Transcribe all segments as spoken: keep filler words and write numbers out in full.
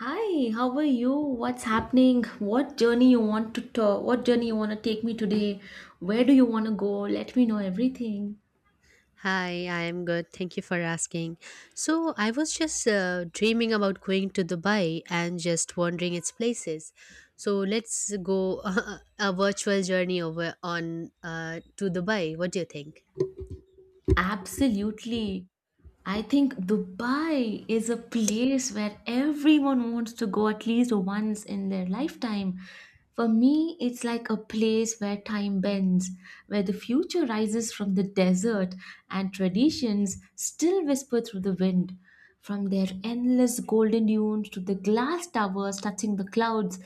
Hi, how are you? What's happening? What journey you want to talk? What journey you want to take me today? Where do you want to go? Let me know everything. Hi, I am good. Thank you for asking. So, I was just uh, dreaming about going to Dubai and just wandering its places. So, let's go a virtual journey over on uh, to Dubai. What do you think? Absolutely. I think Dubai is a place where everyone wants to go at least once in their lifetime. For me, it's like a place where time bends, where the future rises from the desert and traditions still whisper through the wind. From their endless golden dunes to the glass towers touching the clouds.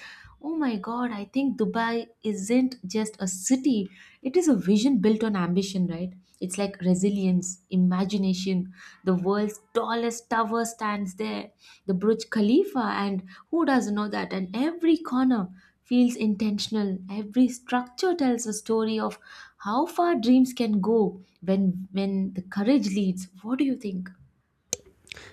Oh my god, I think Dubai isn't just a city, it is a vision built on ambition, right? It's like resilience, imagination. The world's tallest tower stands there, the Burj Khalifa, and who doesn't know that? And every corner feels intentional. Every structure tells a story of how far dreams can go when when the courage leads. What do you think?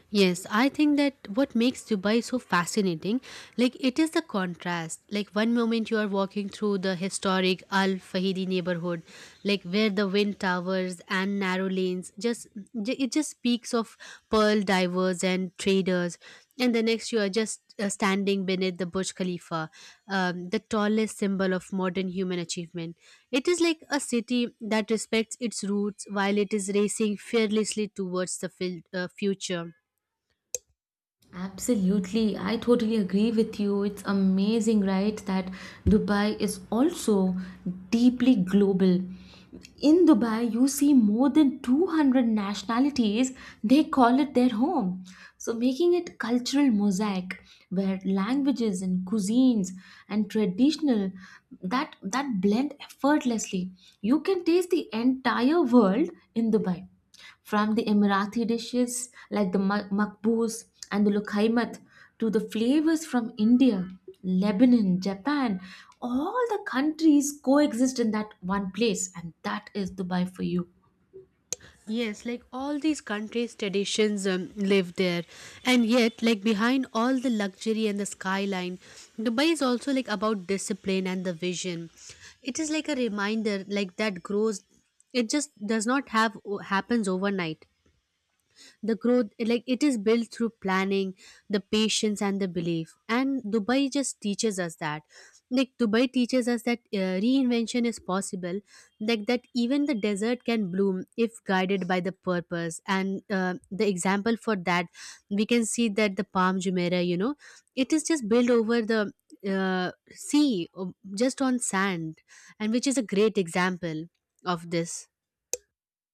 Yes, I think that what makes Dubai so fascinating, like it is the contrast. Like one moment you are walking through the historic Al Fahidi neighborhood, like where the wind towers and narrow lanes just j- it just speaks of pearl divers and traders, and the next you are just uh, standing beneath the Burj Khalifa, um, the tallest symbol of modern human achievement. It is like a city that respects its roots while it is racing fearlessly towards the fil- uh, future. Absolutely, I totally agree with you. It's amazing, right, that Dubai is also deeply global. In Dubai, you see more than two hundred nationalities, they call it their home. So, making it cultural mosaic where languages and cuisines and traditional that that blend effortlessly. You can taste the entire world in Dubai from the Emirati dishes like the ma- makbous and the lukhaimat to the flavors from India, Lebanon, Japan, all the countries coexist in that one place, and that is Dubai for you. Yes, like all these countries' traditions um, live there, and yet, like behind all the luxury and the skyline, Dubai is also like about discipline and the vision. It is like a reminder, like that grows. It just does not have happens overnight the growth, like it is built through planning, the patience, and the belief. And dubai just teaches us that, like dubai teaches us that uh, reinvention is possible, like that even the desert can bloom if guided by the purpose. And uh, the example for that, we can see that the palm jumeirah, you know, it is just built over the uh, sea o- just on sand, and which is a great example of this.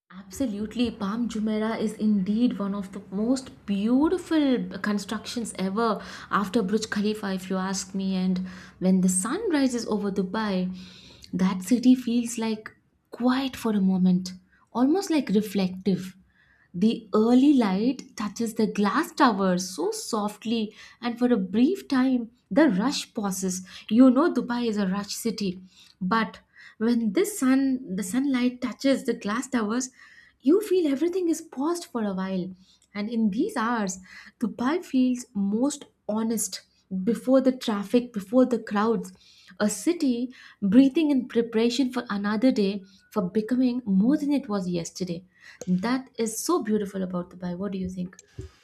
Absolutely, Palm Jumeirah is indeed one of the most beautiful constructions ever after Burj Khalifa, if you ask me. And when the sun rises over Dubai, that city feels like quiet for a moment, almost like reflective. The early light touches the glass tower so softly, and for a brief time, the rush pauses. You know, Dubai is a rush city, but when this sun, the sunlight touches the glass towers, you feel everything is paused for a while. And in these hours, Dubai feels most honest before the traffic, before the crowds, a city breathing in preparation for another day, for becoming more than it was yesterday. That is so beautiful about Dubai. What do you think?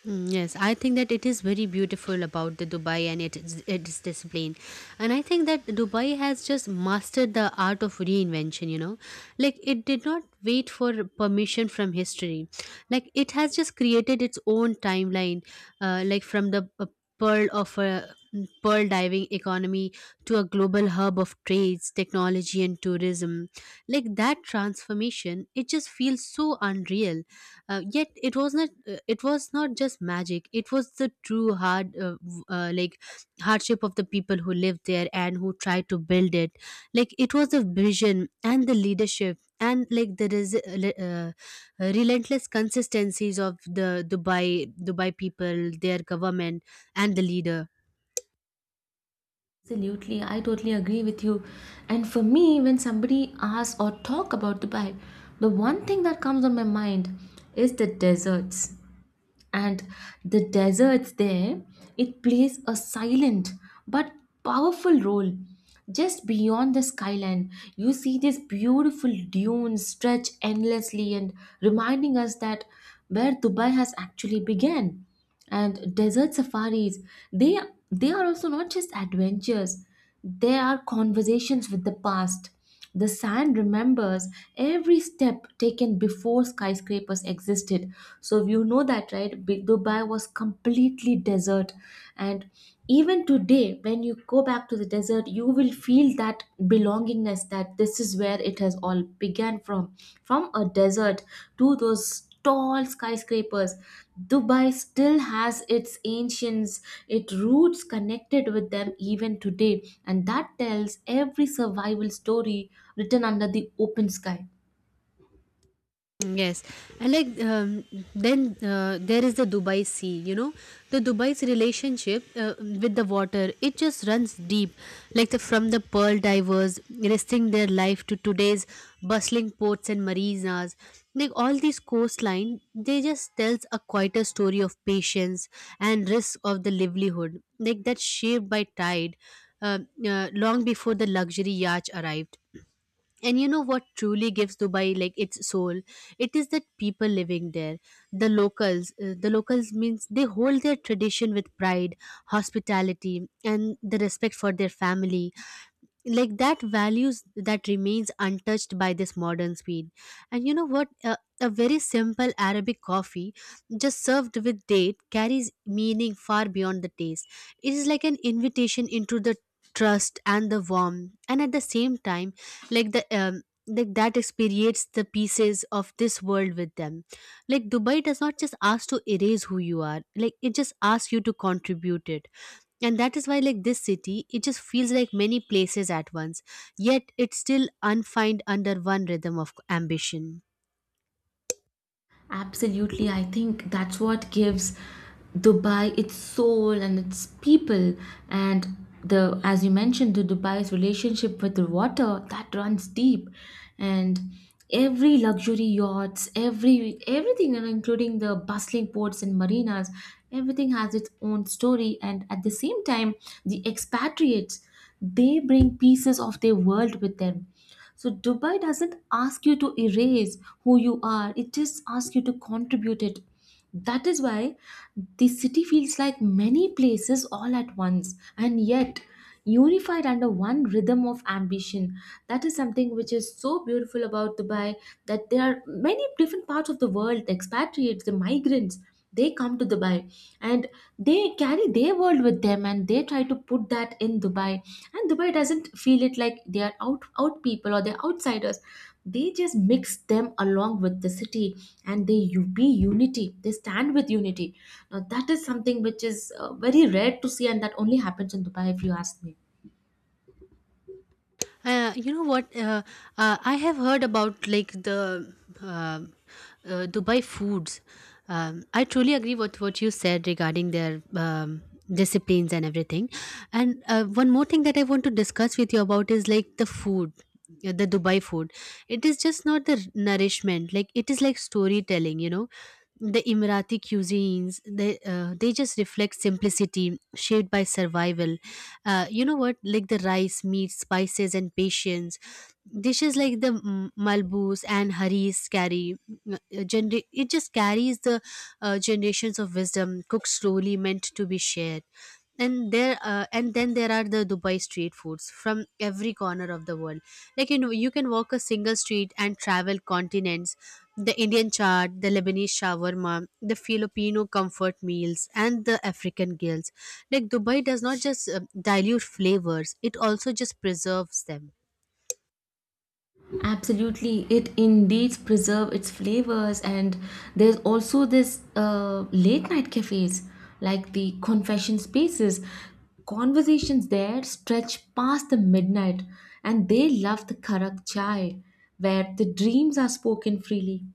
Mm, yes, I think that it is very beautiful about the Dubai and it is, its discipline, and I think that Dubai has just mastered the art of reinvention. You know, like it did not wait for permission from history, like it has just created its own timeline, uh, like from the uh, pearl of a mm, pearl diving economy to a global hub of trades, technology, and tourism. Like that transformation, it just feels so unreal, uh, yet it was not uh, it was not just magic. It was the true hard uh, w- uh, like hardship of the people who lived there and who tried to build it. Like it was the vision and the leadership, and like the resi- uh, le- uh, relentless consistencies of the dubai dubai people, their government, and the leader. Absolutely, I totally agree with you. And for me, when somebody asks or talk about Dubai, the one thing that comes on my mind is the deserts. And the deserts there, it plays a silent but powerful role. Just beyond the skyline you see these beautiful dunes stretch endlessly and reminding us that where Dubai has actually began. And desert safaris, they they are also not just adventures, they are conversations with the past. The sand remembers every step taken before skyscrapers existed. So you know that right, big Dubai was completely desert. And even today when you go back to the desert you will feel that belongingness, that this is where it has all began from from a desert to those tall skyscrapers. Dubai still has its ancients, its roots connected with them even today, and that tells every survival story written under the open sky. Yes, and like um, then uh, there is the Dubai Sea. You know, the Dubai's relationship uh, with the water, it just runs deep, like the from the pearl divers risking their life to today's bustling ports and marinas. Like all these coastline, they just tells a quieter story of patience and risk of the livelihood, like that shaped by tide, uh, uh, long before the luxury yacht arrived. And you know what truly gives Dubai like its soul? It is that people living there, the locals. Uh, the locals means they hold their tradition with pride, hospitality, and the respect for their family, like that values that remains untouched by this modern speed. And you know what, a, a very simple arabic coffee just served with date carries meaning far beyond the taste. It is like an invitation into the trust and the warmth, and at the same time, like the um, like that experience the pieces of this world with them. Like dubai does not just ask to erase who you are, like it just asks you to contribute it. And that is why like this city, it just feels like many places at once, yet it's still unfined under one rhythm of ambition. Absolutely, I think that's what gives Dubai its soul and its people. And the, as you mentioned, the Dubai's relationship with the water that runs deep. And every luxury yachts, every everything, you know, including the bustling ports and marinas, everything has its own story. And at the same time, the expatriates, they bring pieces of their world with them, so Dubai doesn't ask you to erase who you are, it just asks you to contribute it. That is why the city feels like many places all at once and yet unified under one rhythm of ambition. That is something which is so beautiful about Dubai, that there are many different parts of the world, the expatriates, the migrants. They come to Dubai and they carry their world with them and they try to put that in Dubai. And Dubai doesn't feel it like they are out out people or they're outsiders. They just mix them along with the city, and they u- be unity, they stand with unity. Now that is something which is uh, very rare to see, and that only happens in Dubai if you ask me. Uh, you know what? Uh, uh, I have heard about like the uh, uh, Dubai foods. Um, I truly agree with what you said regarding their um, disciplines and everything. And uh, one more thing that I want to discuss with you about is like the food, uh, the Dubai food. It is just not the nourishment. Like it is like storytelling. You know, the Emirati cuisines. They uh, they just reflect simplicity shaped by survival. Uh, you know what? Like the rice, meat, spices, and patience. Dishes like the mm, malbous and haris carry. mm, uh, Gener- it just carries the uh, generations of wisdom cooked slowly, meant to be shared. And there, uh, and then there are the Dubai street foods from every corner of the world. Like you know, you can walk a single street and travel continents, the Indian chaat, the Lebanese shawarma, the Filipino comfort meals, and the African grills. Like dubai does not just uh, dilute flavors, it also just preserves them. Absolutely, it indeed preserve its flavors, and there's also this uh, late night cafes, like the confession spaces. Conversations there stretch past the midnight, and they love the karak chai, where the dreams are spoken freely.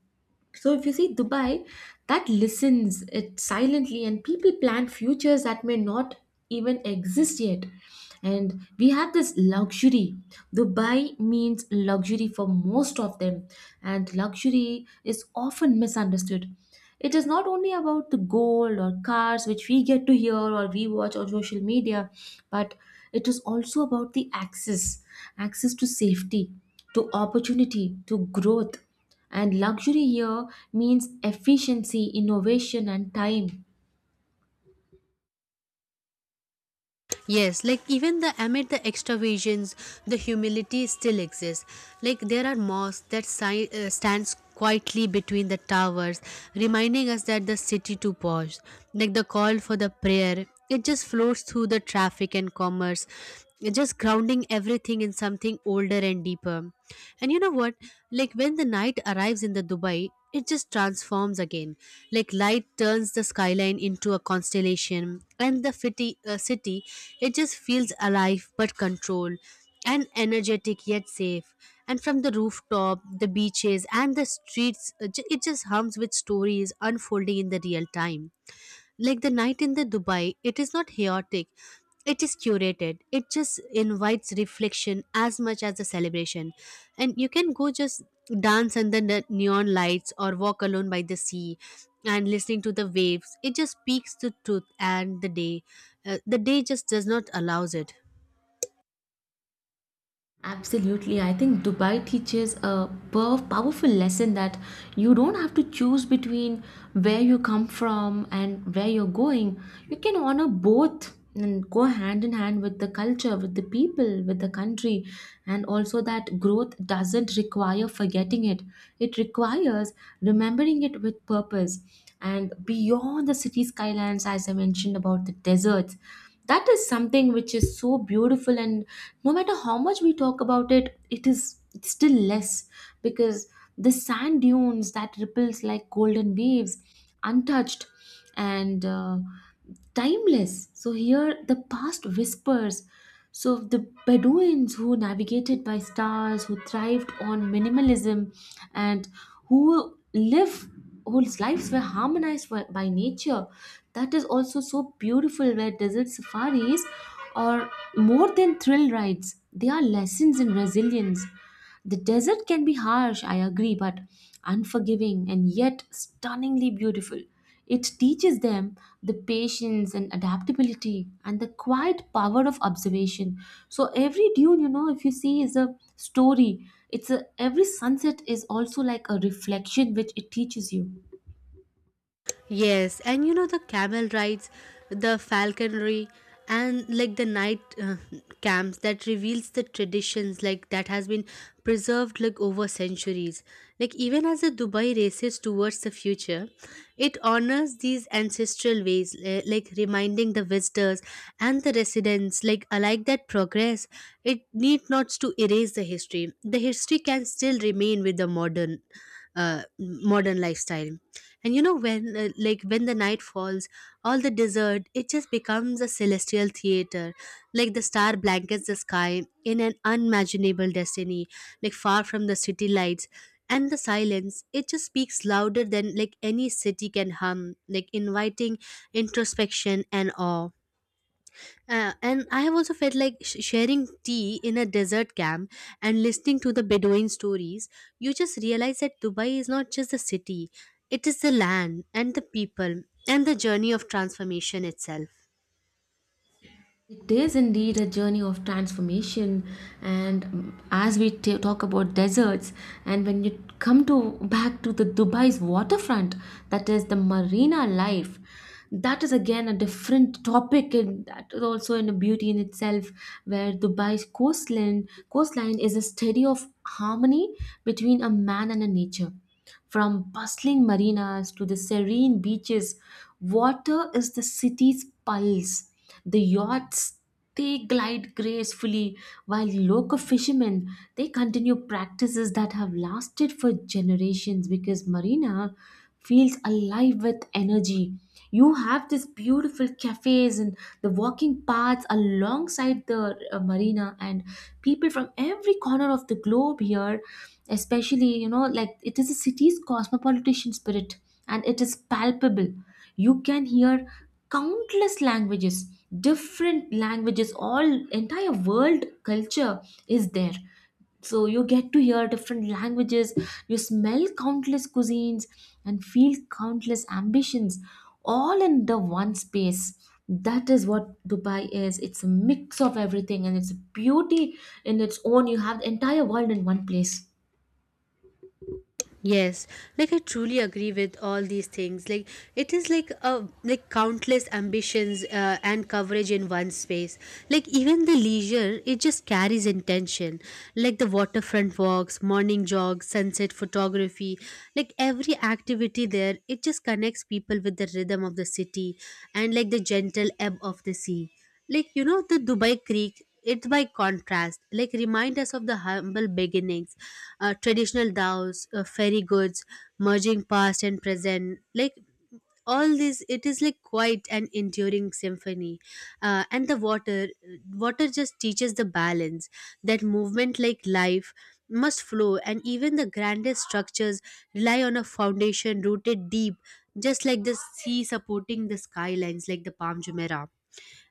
So if you see Dubai, that listens it silently, and people plan futures that may not even exist yet. And we have this luxury. Dubai means luxury for most of them, and luxury is often misunderstood. It is not only about the gold or cars which we get to hear or we watch on social media, but it is also about the access, access to safety, to opportunity, to growth. And luxury here means efficiency, innovation, and time. Yes, like even the amid the extravagance, the humility still exists. Like there are mosques that si- uh, stands quietly between the towers, reminding us that the city to pause. Like the call for the prayer, it just flows through the traffic and commerce. It just grounding everything in something older and deeper. And you know what, like when the night arrives in the dubai, it just transforms again. Like light turns the skyline into a constellation, and the city, uh, city, it just feels alive but controlled, and energetic yet safe. And from the rooftop, the beaches, and the streets, uh, ju- it just hums with stories unfolding in the real time. Like the night in the Dubai, it is not chaotic. It is curated. It just invites reflection as much as the celebration. And you can go just dance under the neon lights or walk alone by the sea and listening to the waves. It just speaks the truth and the day. Uh, the day just does not allows it. Absolutely. I think Dubai teaches a pow- powerful lesson, that you don't have to choose between where you come from and where you're going. You can honor both and go hand in hand with the culture, with the people, with the country. And also, that growth doesn't require forgetting it, it requires remembering it with purpose. And beyond the city skylines, as I mentioned about the deserts, that is something which is so beautiful, and no matter how much we talk about it, it is it's still less. Because the sand dunes that ripples like golden waves, untouched and uh, timeless. So here the past whispers. So the Bedouins who navigated by stars, who thrived on minimalism, and who live, whose lives were harmonized by by nature. That is also so beautiful, where desert safaris are more than thrill rides, they are lessons in resilience. The desert can be harsh, I agree, but unforgiving and yet stunningly beautiful. It teaches them the patience and adaptability and the quiet power of observation. So every dune, you know, if you see, is a story. It's a, every sunset is also like a reflection which it teaches you. Yes, and you know the camel rides, the falconry, and like the night uh, camps that reveals the traditions, like that has been preserved like over centuries. Like even as the Dubai races towards the future, it honors these ancestral ways, eh, like reminding the visitors and the residents like alike that progress. It need not to erase the history. The history can still remain with the modern, uh, modern lifestyle. And you know when uh, like when the night falls, all the desert, it just becomes a celestial theater. Like the star blankets the sky in an unimaginable destiny, like far from the city lights. And the silence, it just speaks louder than like any city can hum, like inviting introspection and awe. Uh, and I have also felt like sh- sharing tea in a desert camp and listening to the Bedouin stories. You just realize that Dubai is not just the city, it is the land and the people and the journey of transformation itself. It is indeed a journey of transformation, and um, as we t- talk about deserts, and when you come to back to the Dubai's waterfront, that is the marina life, that is again a different topic, and that is also in a beauty in itself, where Dubai's coastline coastline is a study of harmony between a man and a nature. From bustling marinas to the serene beaches, water is the city's pulse. The yachts, they glide gracefully, while local fishermen, they continue practices that have lasted for generations, because marina feels alive with energy. You have this beautiful cafes and the walking paths alongside the uh, marina, and people from every corner of the globe here, especially, you know, like it is a city's cosmopolitan spirit and it is palpable. You can hear countless languages, different languages, all entire world culture is there. So you get to hear different languages, you smell countless cuisines and feel countless ambitions, all in the one space. That is what Dubai is, it's a mix of everything, and it's a beauty in its own. You have the entire world in one place. Yes, like I truly agree with all these things. Like it is like a like countless ambitions uh, and coverage in one space. Like even the leisure, it just carries intention. Like the waterfront walks, morning jogs, sunset photography. Like every activity there, it just connects people with the rhythm of the city and like the gentle ebb of the sea. Like you know the Dubai Creek, it's by contrast, like remind us of the humble beginnings, uh, traditional dows, uh, fairy goods, merging past and present. Like all this, it is like quite an enduring symphony. Uh, and the water, water just teaches the balance, that movement, like life, must flow, and even the grandest structures rely on a foundation rooted deep, just like the sea supporting the skylines, like the Palm Jumeirah.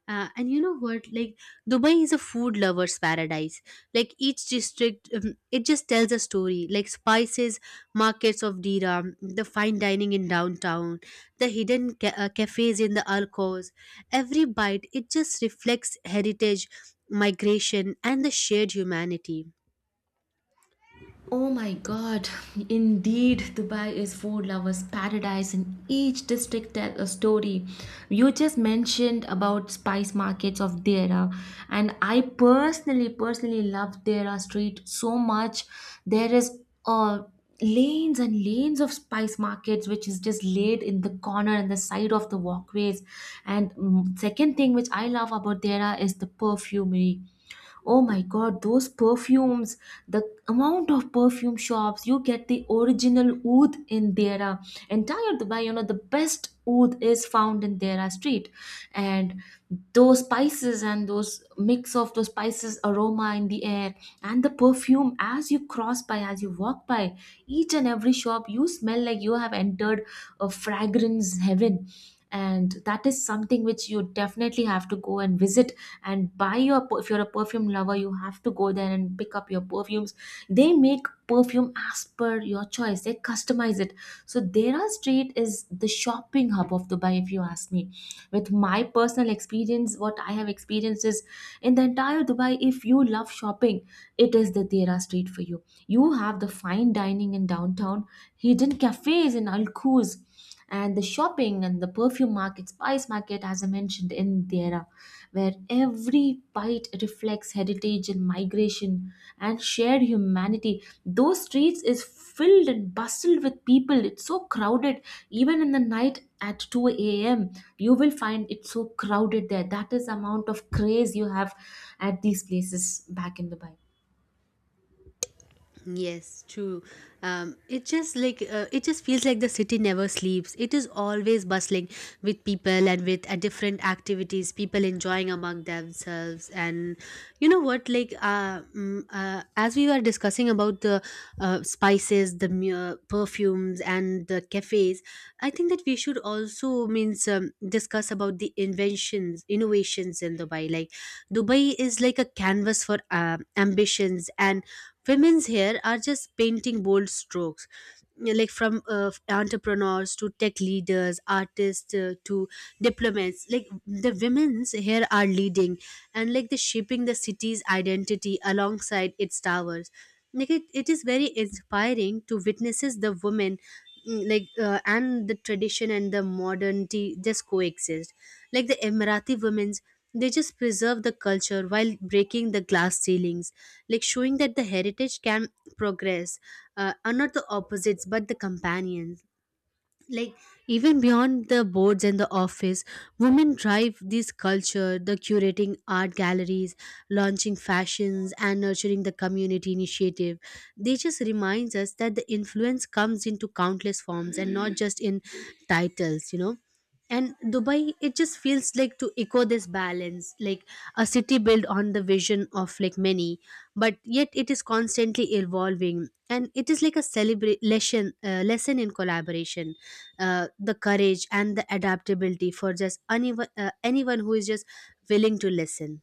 uh, And you know what? Like Dubai is a food lovers paradise. Like each district, um, it just tells a story. Like spices, markets of Diram, the fine dining in downtown, the hidden ca- uh, cafes in the alcoves. Every bite, it just reflects heritage, migration, and the shared humanity. Oh my god, indeed, Dubai is food lovers' paradise, and each district tells a story. You just mentioned about spice markets of Dera, and I personally, personally love Dera Street so much. There is uh, lanes and lanes of spice markets, which is just laid in the corner and the side of the walkways. And mm, second thing which I love about Dera is the perfumery. Oh my god, those perfumes, the amount of perfume shops, you get the original oud in Dera. Entire Dubai, you know, the best oud is found in Dera street. And those spices and those mix of those spices aroma in the air, and the perfume, as you cross by, as you walk by each and every shop, you smell like you have entered a fragrance heaven. And that is something which you definitely have to go and visit, and buy your per- if you're a perfume lover, you have to go there and pick up your perfumes. They make perfume as per your choice, they customize it. So Dera street is the shopping hub of Dubai, if you ask me. With my personal experience, what I have experienced is, in the entire Dubai, if you love shopping, it is the Dera street for you. You have the fine dining in downtown, hidden cafes in alcoves, and the shopping and the perfume market, spice market, as I mentioned in Dera, where every bite reflects heritage and migration and shared humanity. Those streets is filled and bustled with people. It's so crowded, even in the night at two a m. you will find it so crowded there. That is amount of craze you have at these places back in Dubai. Yes, true. Um, it just like uh, it just feels like the city never sleeps. It is always bustling with people and with uh, different activities, people enjoying among themselves. And you know what? Like uh, mm, uh, as we were discussing about the uh, spices, the mu- uh, perfumes, and the cafes, I think that we should also means um, discuss about the inventions, innovations in Dubai. Like Dubai is like a canvas for uh, ambitions, and Women's here are just painting bold strokes, like from uh, entrepreneurs to tech leaders, artists uh, to diplomats. Like the women's here are leading and like the shaping the city's identity alongside its towers. Like it, it is very inspiring to witnesses the women mm, like uh, and the tradition and the modernity just coexist like the emirati women's they just preserve the culture while breaking the glass ceilings, like showing that the heritage can progress, uh, are not the opposites but the companions like even beyond the boards and the office women drive this culture the curating art galleries launching fashions and nurturing the community initiative they just reminds us that the influence comes into countless forms and not just in titles you know And dubai it just feels like to echo this balance like a city built on the vision of like many but yet it is constantly evolving and it is like a celebration uh, lesson in collaboration, uh, the courage and the adaptability for just anyone, uh, anyone who is just willing to listen.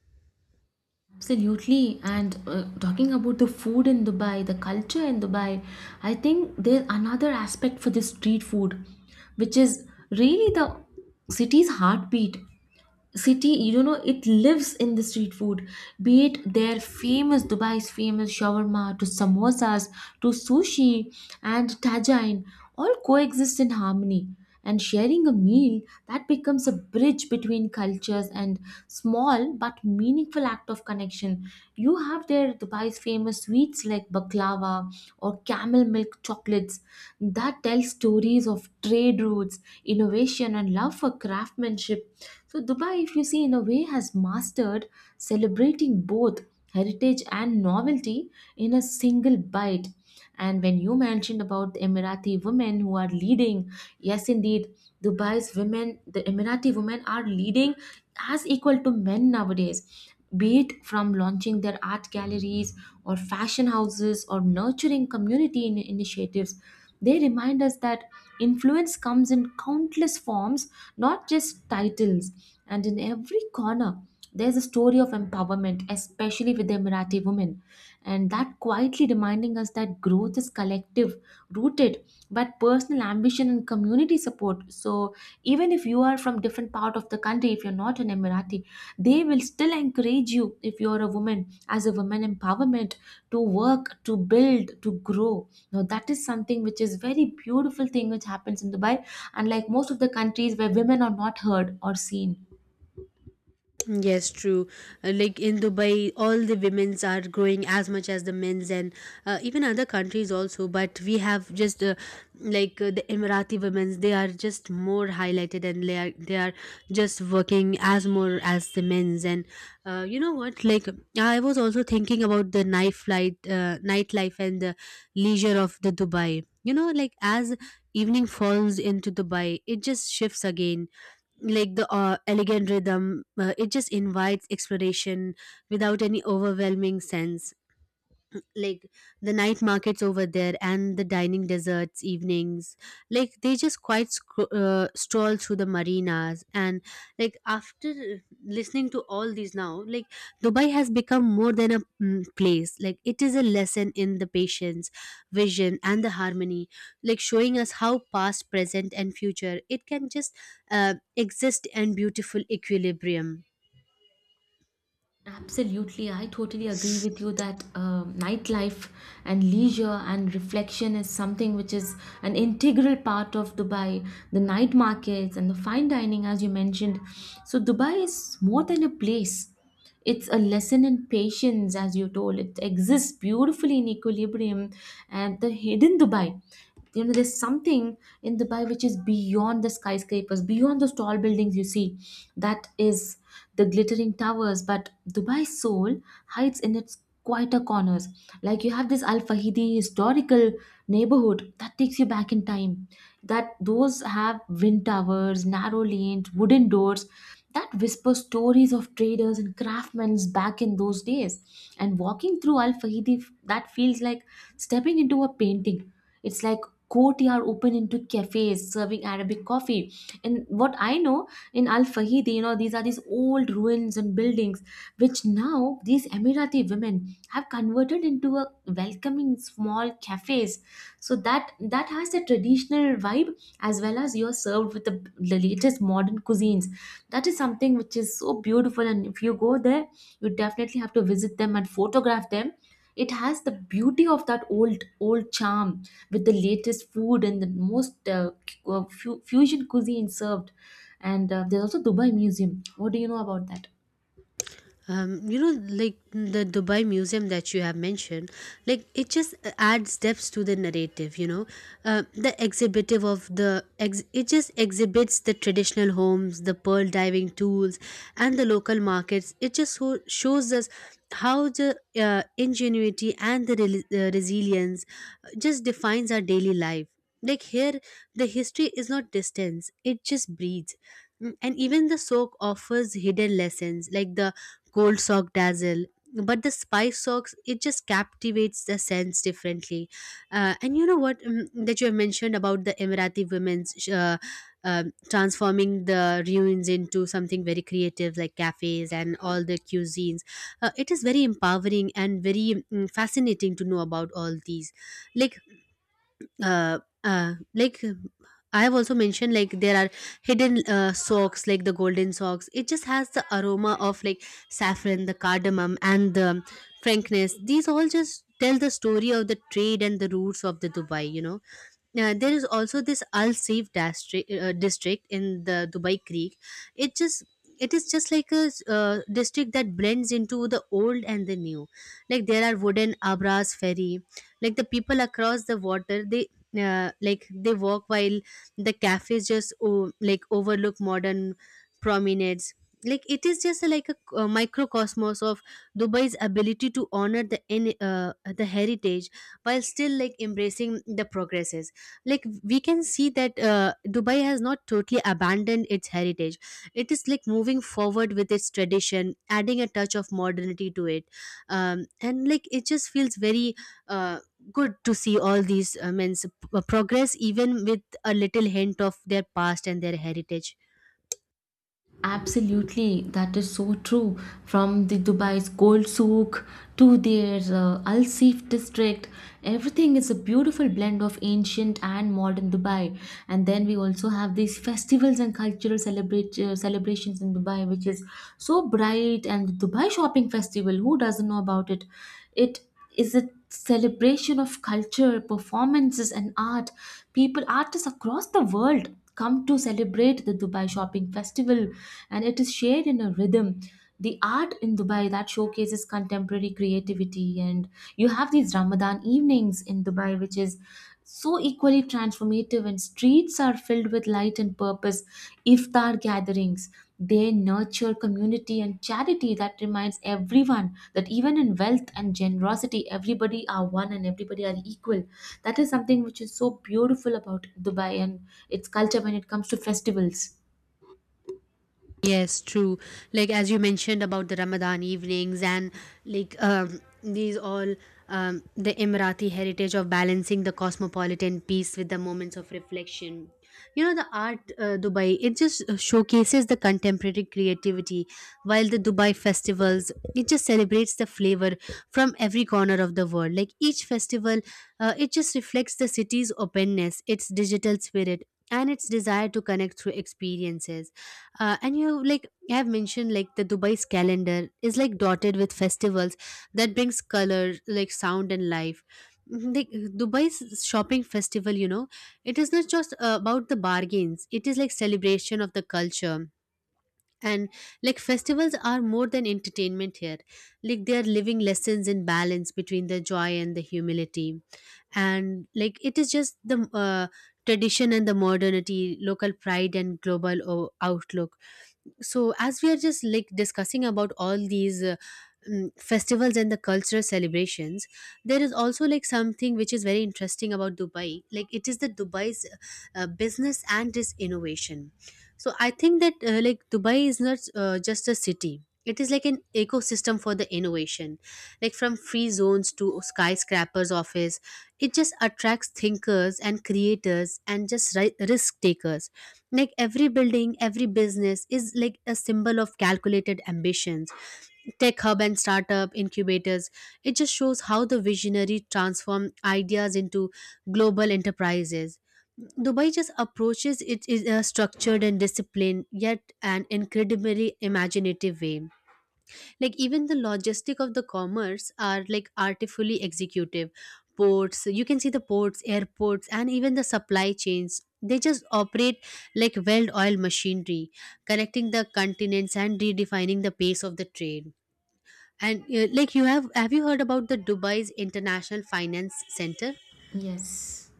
Absolutely. And uh, talking about the food in Dubai, the culture in Dubai, I think there's another aspect for this street food, which is really the city's heartbeat city, you know, it lives in the street food. Be it their famous Dubai's famous shawarma to samosas to sushi and tajine, all coexist in harmony, and sharing a meal that becomes a bridge between cultures and small but meaningful act of connection. You have their Dubai's famous sweets like baklava or camel milk chocolates that tell stories of trade routes, innovation and love for craftsmanship. So, Dubai, if you see, in a way, has mastered celebrating both heritage and novelty in a single bite. And when you mentioned about the Emirati women who are leading, yes, indeed, Dubai's women, the Emirati women are leading as equal to men nowadays, be it from launching their art galleries or fashion houses or nurturing community in- initiatives. They remind us that influence comes in countless forms, not just titles. And in every corner, there's a story of empowerment, especially with the Emirati women. And that quietly reminding us that growth is collective, rooted, but personal ambition and community support. So even if you are from different part of the country, if you're not an Emirati, they will still encourage you if you're a woman as a woman empowerment to work, to build, to grow. Now that is something which is very beautiful thing which happens in Dubai, unlike most of the countries where women are not heard or seen. Yes, true. Uh, Like in Dubai, all the women's are growing as much as the men's, and uh, even other countries also. But we have just uh, like uh, the Emirati women's; they are just more highlighted, and they are they are just working as more as the men's. And uh, you know what? Like I was also thinking about the knife light, uh, nightlife and the leisure of the Dubai. You know, like as evening falls into Dubai, it just shifts again like the uh, elegant rhythm, uh, it just invites exploration without any overwhelming sense, like the night markets over there and the dining deserts evenings, like they just quite scro- uh, stroll through the marinas. And like after listening to all these now, like Dubai has become more than a mm, place. Like it is a lesson in the patience, vision, and the harmony, like showing us how past, present, and future it can just uh, exist in beautiful equilibrium. Absolutely, I totally agree with you that uh, nightlife and leisure and reflection is something which is an integral part of Dubai. The night markets and the fine dining, as you mentioned. So, Dubai is more than a place, it's a lesson in patience, as you told. It exists beautifully in equilibrium and the hidden Dubai. You know, there's something in Dubai which is beyond the skyscrapers, beyond those tall buildings you see, that is the glittering towers, but Dubai's soul hides in its quieter corners. Like you have this Al Fahidi historical neighborhood that takes you back in time, that those have wind towers, narrow lanes, wooden doors that whisper stories of traders and craftsmen back in those days. And walking through Al Fahidi, that feels like stepping into a painting. It's like courtyard open into cafes serving Arabic coffee. And what I know in Al Fahidi, you know, these are these old ruins and buildings which now these Emirati women have converted into a were welcoming small cafes, so that that has the traditional vibe as well as you're served with the, the latest modern cuisines. That is something which is so beautiful, and if you go there, you definitely have to visit them and photograph them. It has the beauty of that old old charm with the latest food and the most uh, cu- uh, fu- fusion cuisine served. And uh, there's also Dubai museum, what do you know about that? Um, you know, like the Dubai Museum that you have mentioned, like it just adds depth to the narrative. You know, uh, the exhibitive of the ex- it just exhibits the traditional homes, the pearl diving tools, and the local markets. It just so- shows us how the uh, ingenuity and the rel uh, resilience uh, just defines our daily life. Like here, the history is not distance; it just breathes. Mm, And even the soak offers hidden lessons, like the cold sock dazzle but the spice socks it just captivates the sense differently. Uh, and you know what, um, that you have mentioned about the emirati women's sh- uh, um transforming the ruins into something very creative like cafes and all the cuisines, uh, it is very empowering and very mm, fascinating to know about all these. Like uh, uh, like I have also mentioned like there are hidden uh, socks like the golden socks. It just has the aroma of like saffron, the cardamom, and the frankness. These all just tell the story of the trade and the roots of the Dubai. You know, uh, there is also this Al Saif district, uh, district in the Dubai Creek. It just it is just like a, uh, district that blends into the old and the new. Like there are wooden abras ferry. Like the people across the water, they uh, like they walk while the cafes just o- like overlook modern promenades. Like it is just like a, uh microcosmos of Dubai's ability to honor the in- uh, the heritage while still like embracing the progresses. Like we can see that uh, Dubai has not totally abandoned its heritage. It is like moving forward with its tradition, adding a touch of modernity to it. Um, and like it just feels very uh, good to see all these uh, men's p- progress even with a little hint of their past and their heritage. Absolutely, that is so true. From the Dubai's gold souk to their uh, Al Seif district, everything is a beautiful blend of ancient and modern Dubai. And then we also have these festivals and cultural celebrate, uh, celebrations in Dubai, which is so bright. And the Dubai Shopping Festival, who doesn't know about it? It is a celebration of culture, performances, and art. People, artists across the world come to celebrate the Dubai Shopping Festival, and it is shared in a rhythm. The art in Dubai that showcases contemporary creativity, and you have these Ramadan evenings in Dubai, which is so equally transformative, and streets are filled with light and purpose, iftar gatherings. They nurture community and charity that reminds everyone that even in wealth and generosity, everybody are one and everybody are equal. That is something which is so beautiful about Dubai and its culture when it comes to festivals. Yes, true. Like as you mentioned about the Ramadan evenings and like um, these all, um, the Emirati heritage of balancing the cosmopolitan piece with the moments of reflection. You know the art, uh, Dubai, it just uh, showcases the contemporary creativity while the Dubai festivals it just celebrates the flavor from every corner of the world. Like each festival, uh, it just reflects the city's openness, its digital spirit, and its desire to connect through experiences. Uh, and you like you have mentioned like the Dubai's calendar is like dotted with festivals that brings color, like sound and life. Mhm. Like Dubai's shopping festival, you know, it is not just uh, about the bargains. It is like celebration of the culture. And like festivals are more than entertainment here. Like they are living lessons in balance between the joy and the humility. And like it is just the uh, tradition and the modernity, local pride and global o- outlook. So as we are just like discussing about all these uh, mm, festivals and the cultural celebrations, there is also like something which is very interesting about Dubai, like it is the Dubai's uh, uh, business and its innovation. So I think that uh, like Dubai is not uh, just a city, it is like an ecosystem for the innovation. Like from free zones to skyscrapers office, it just attracts thinkers and creators and just ri- risk takers. Like every building, every business is like a symbol of calculated ambitions, tech hub and startup incubators. It just shows how the visionary transform ideas into global enterprises. Dubai just approaches it in a structured and disciplined yet an incredibly imaginative way. Like even the logistic of the commerce are like artfully executive ports. You can see the ports, airports, and even the supply chains, they just operate like well-oiled machinery, connecting the continents and redefining the pace of the trade. And uh, like you have have you heard about the Dubai's international finance center? Yes.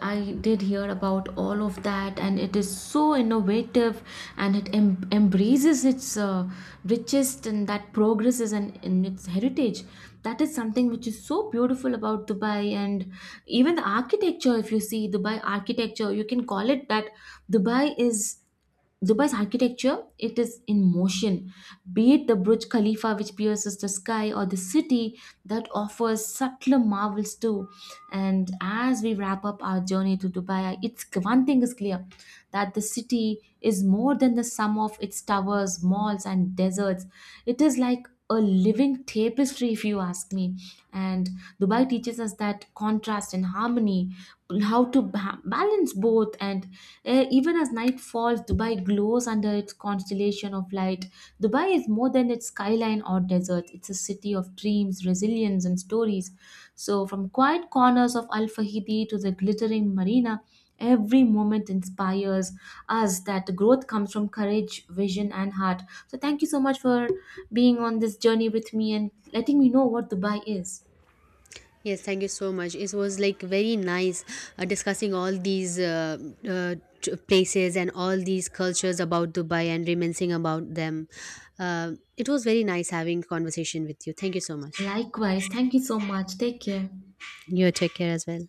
I did hear about all of that, and it is so innovative and it em- embraces its uh, richest and that progresses and in its heritage. That is something which is so beautiful about Dubai, and even the architecture. If you see Dubai architecture, you can call it that Dubai is. Dubai's architecture, it is in motion. Be it the Burj Khalifa, which pierces the sky, or the city that offers subtler marvels too. And as we wrap up our journey to Dubai, it's one thing is clear that the city is more than the sum of its towers, malls, and deserts. It is like a living tapestry, if you ask me. And Dubai teaches us that contrast and harmony, how to ba- balance both and eh, even as night falls, Dubai glows under its constellation of light. Dubai is more than its skyline or desert, it's a city of dreams, resilience and stories. So from quiet corners of Al Fahidi to the glittering marina, every moment inspires us that growth comes from courage, vision and heart. So thank you so much for being on this journey with me and letting me know what Dubai is. Yes, thank you so much. It was like very nice uh, discussing all these uh, uh, t- places and all these cultures about Dubai and reminiscing about them. Uh, it was very nice having conversation with you. Thank you so much. Likewise, thank you so much, take care. You take care as well.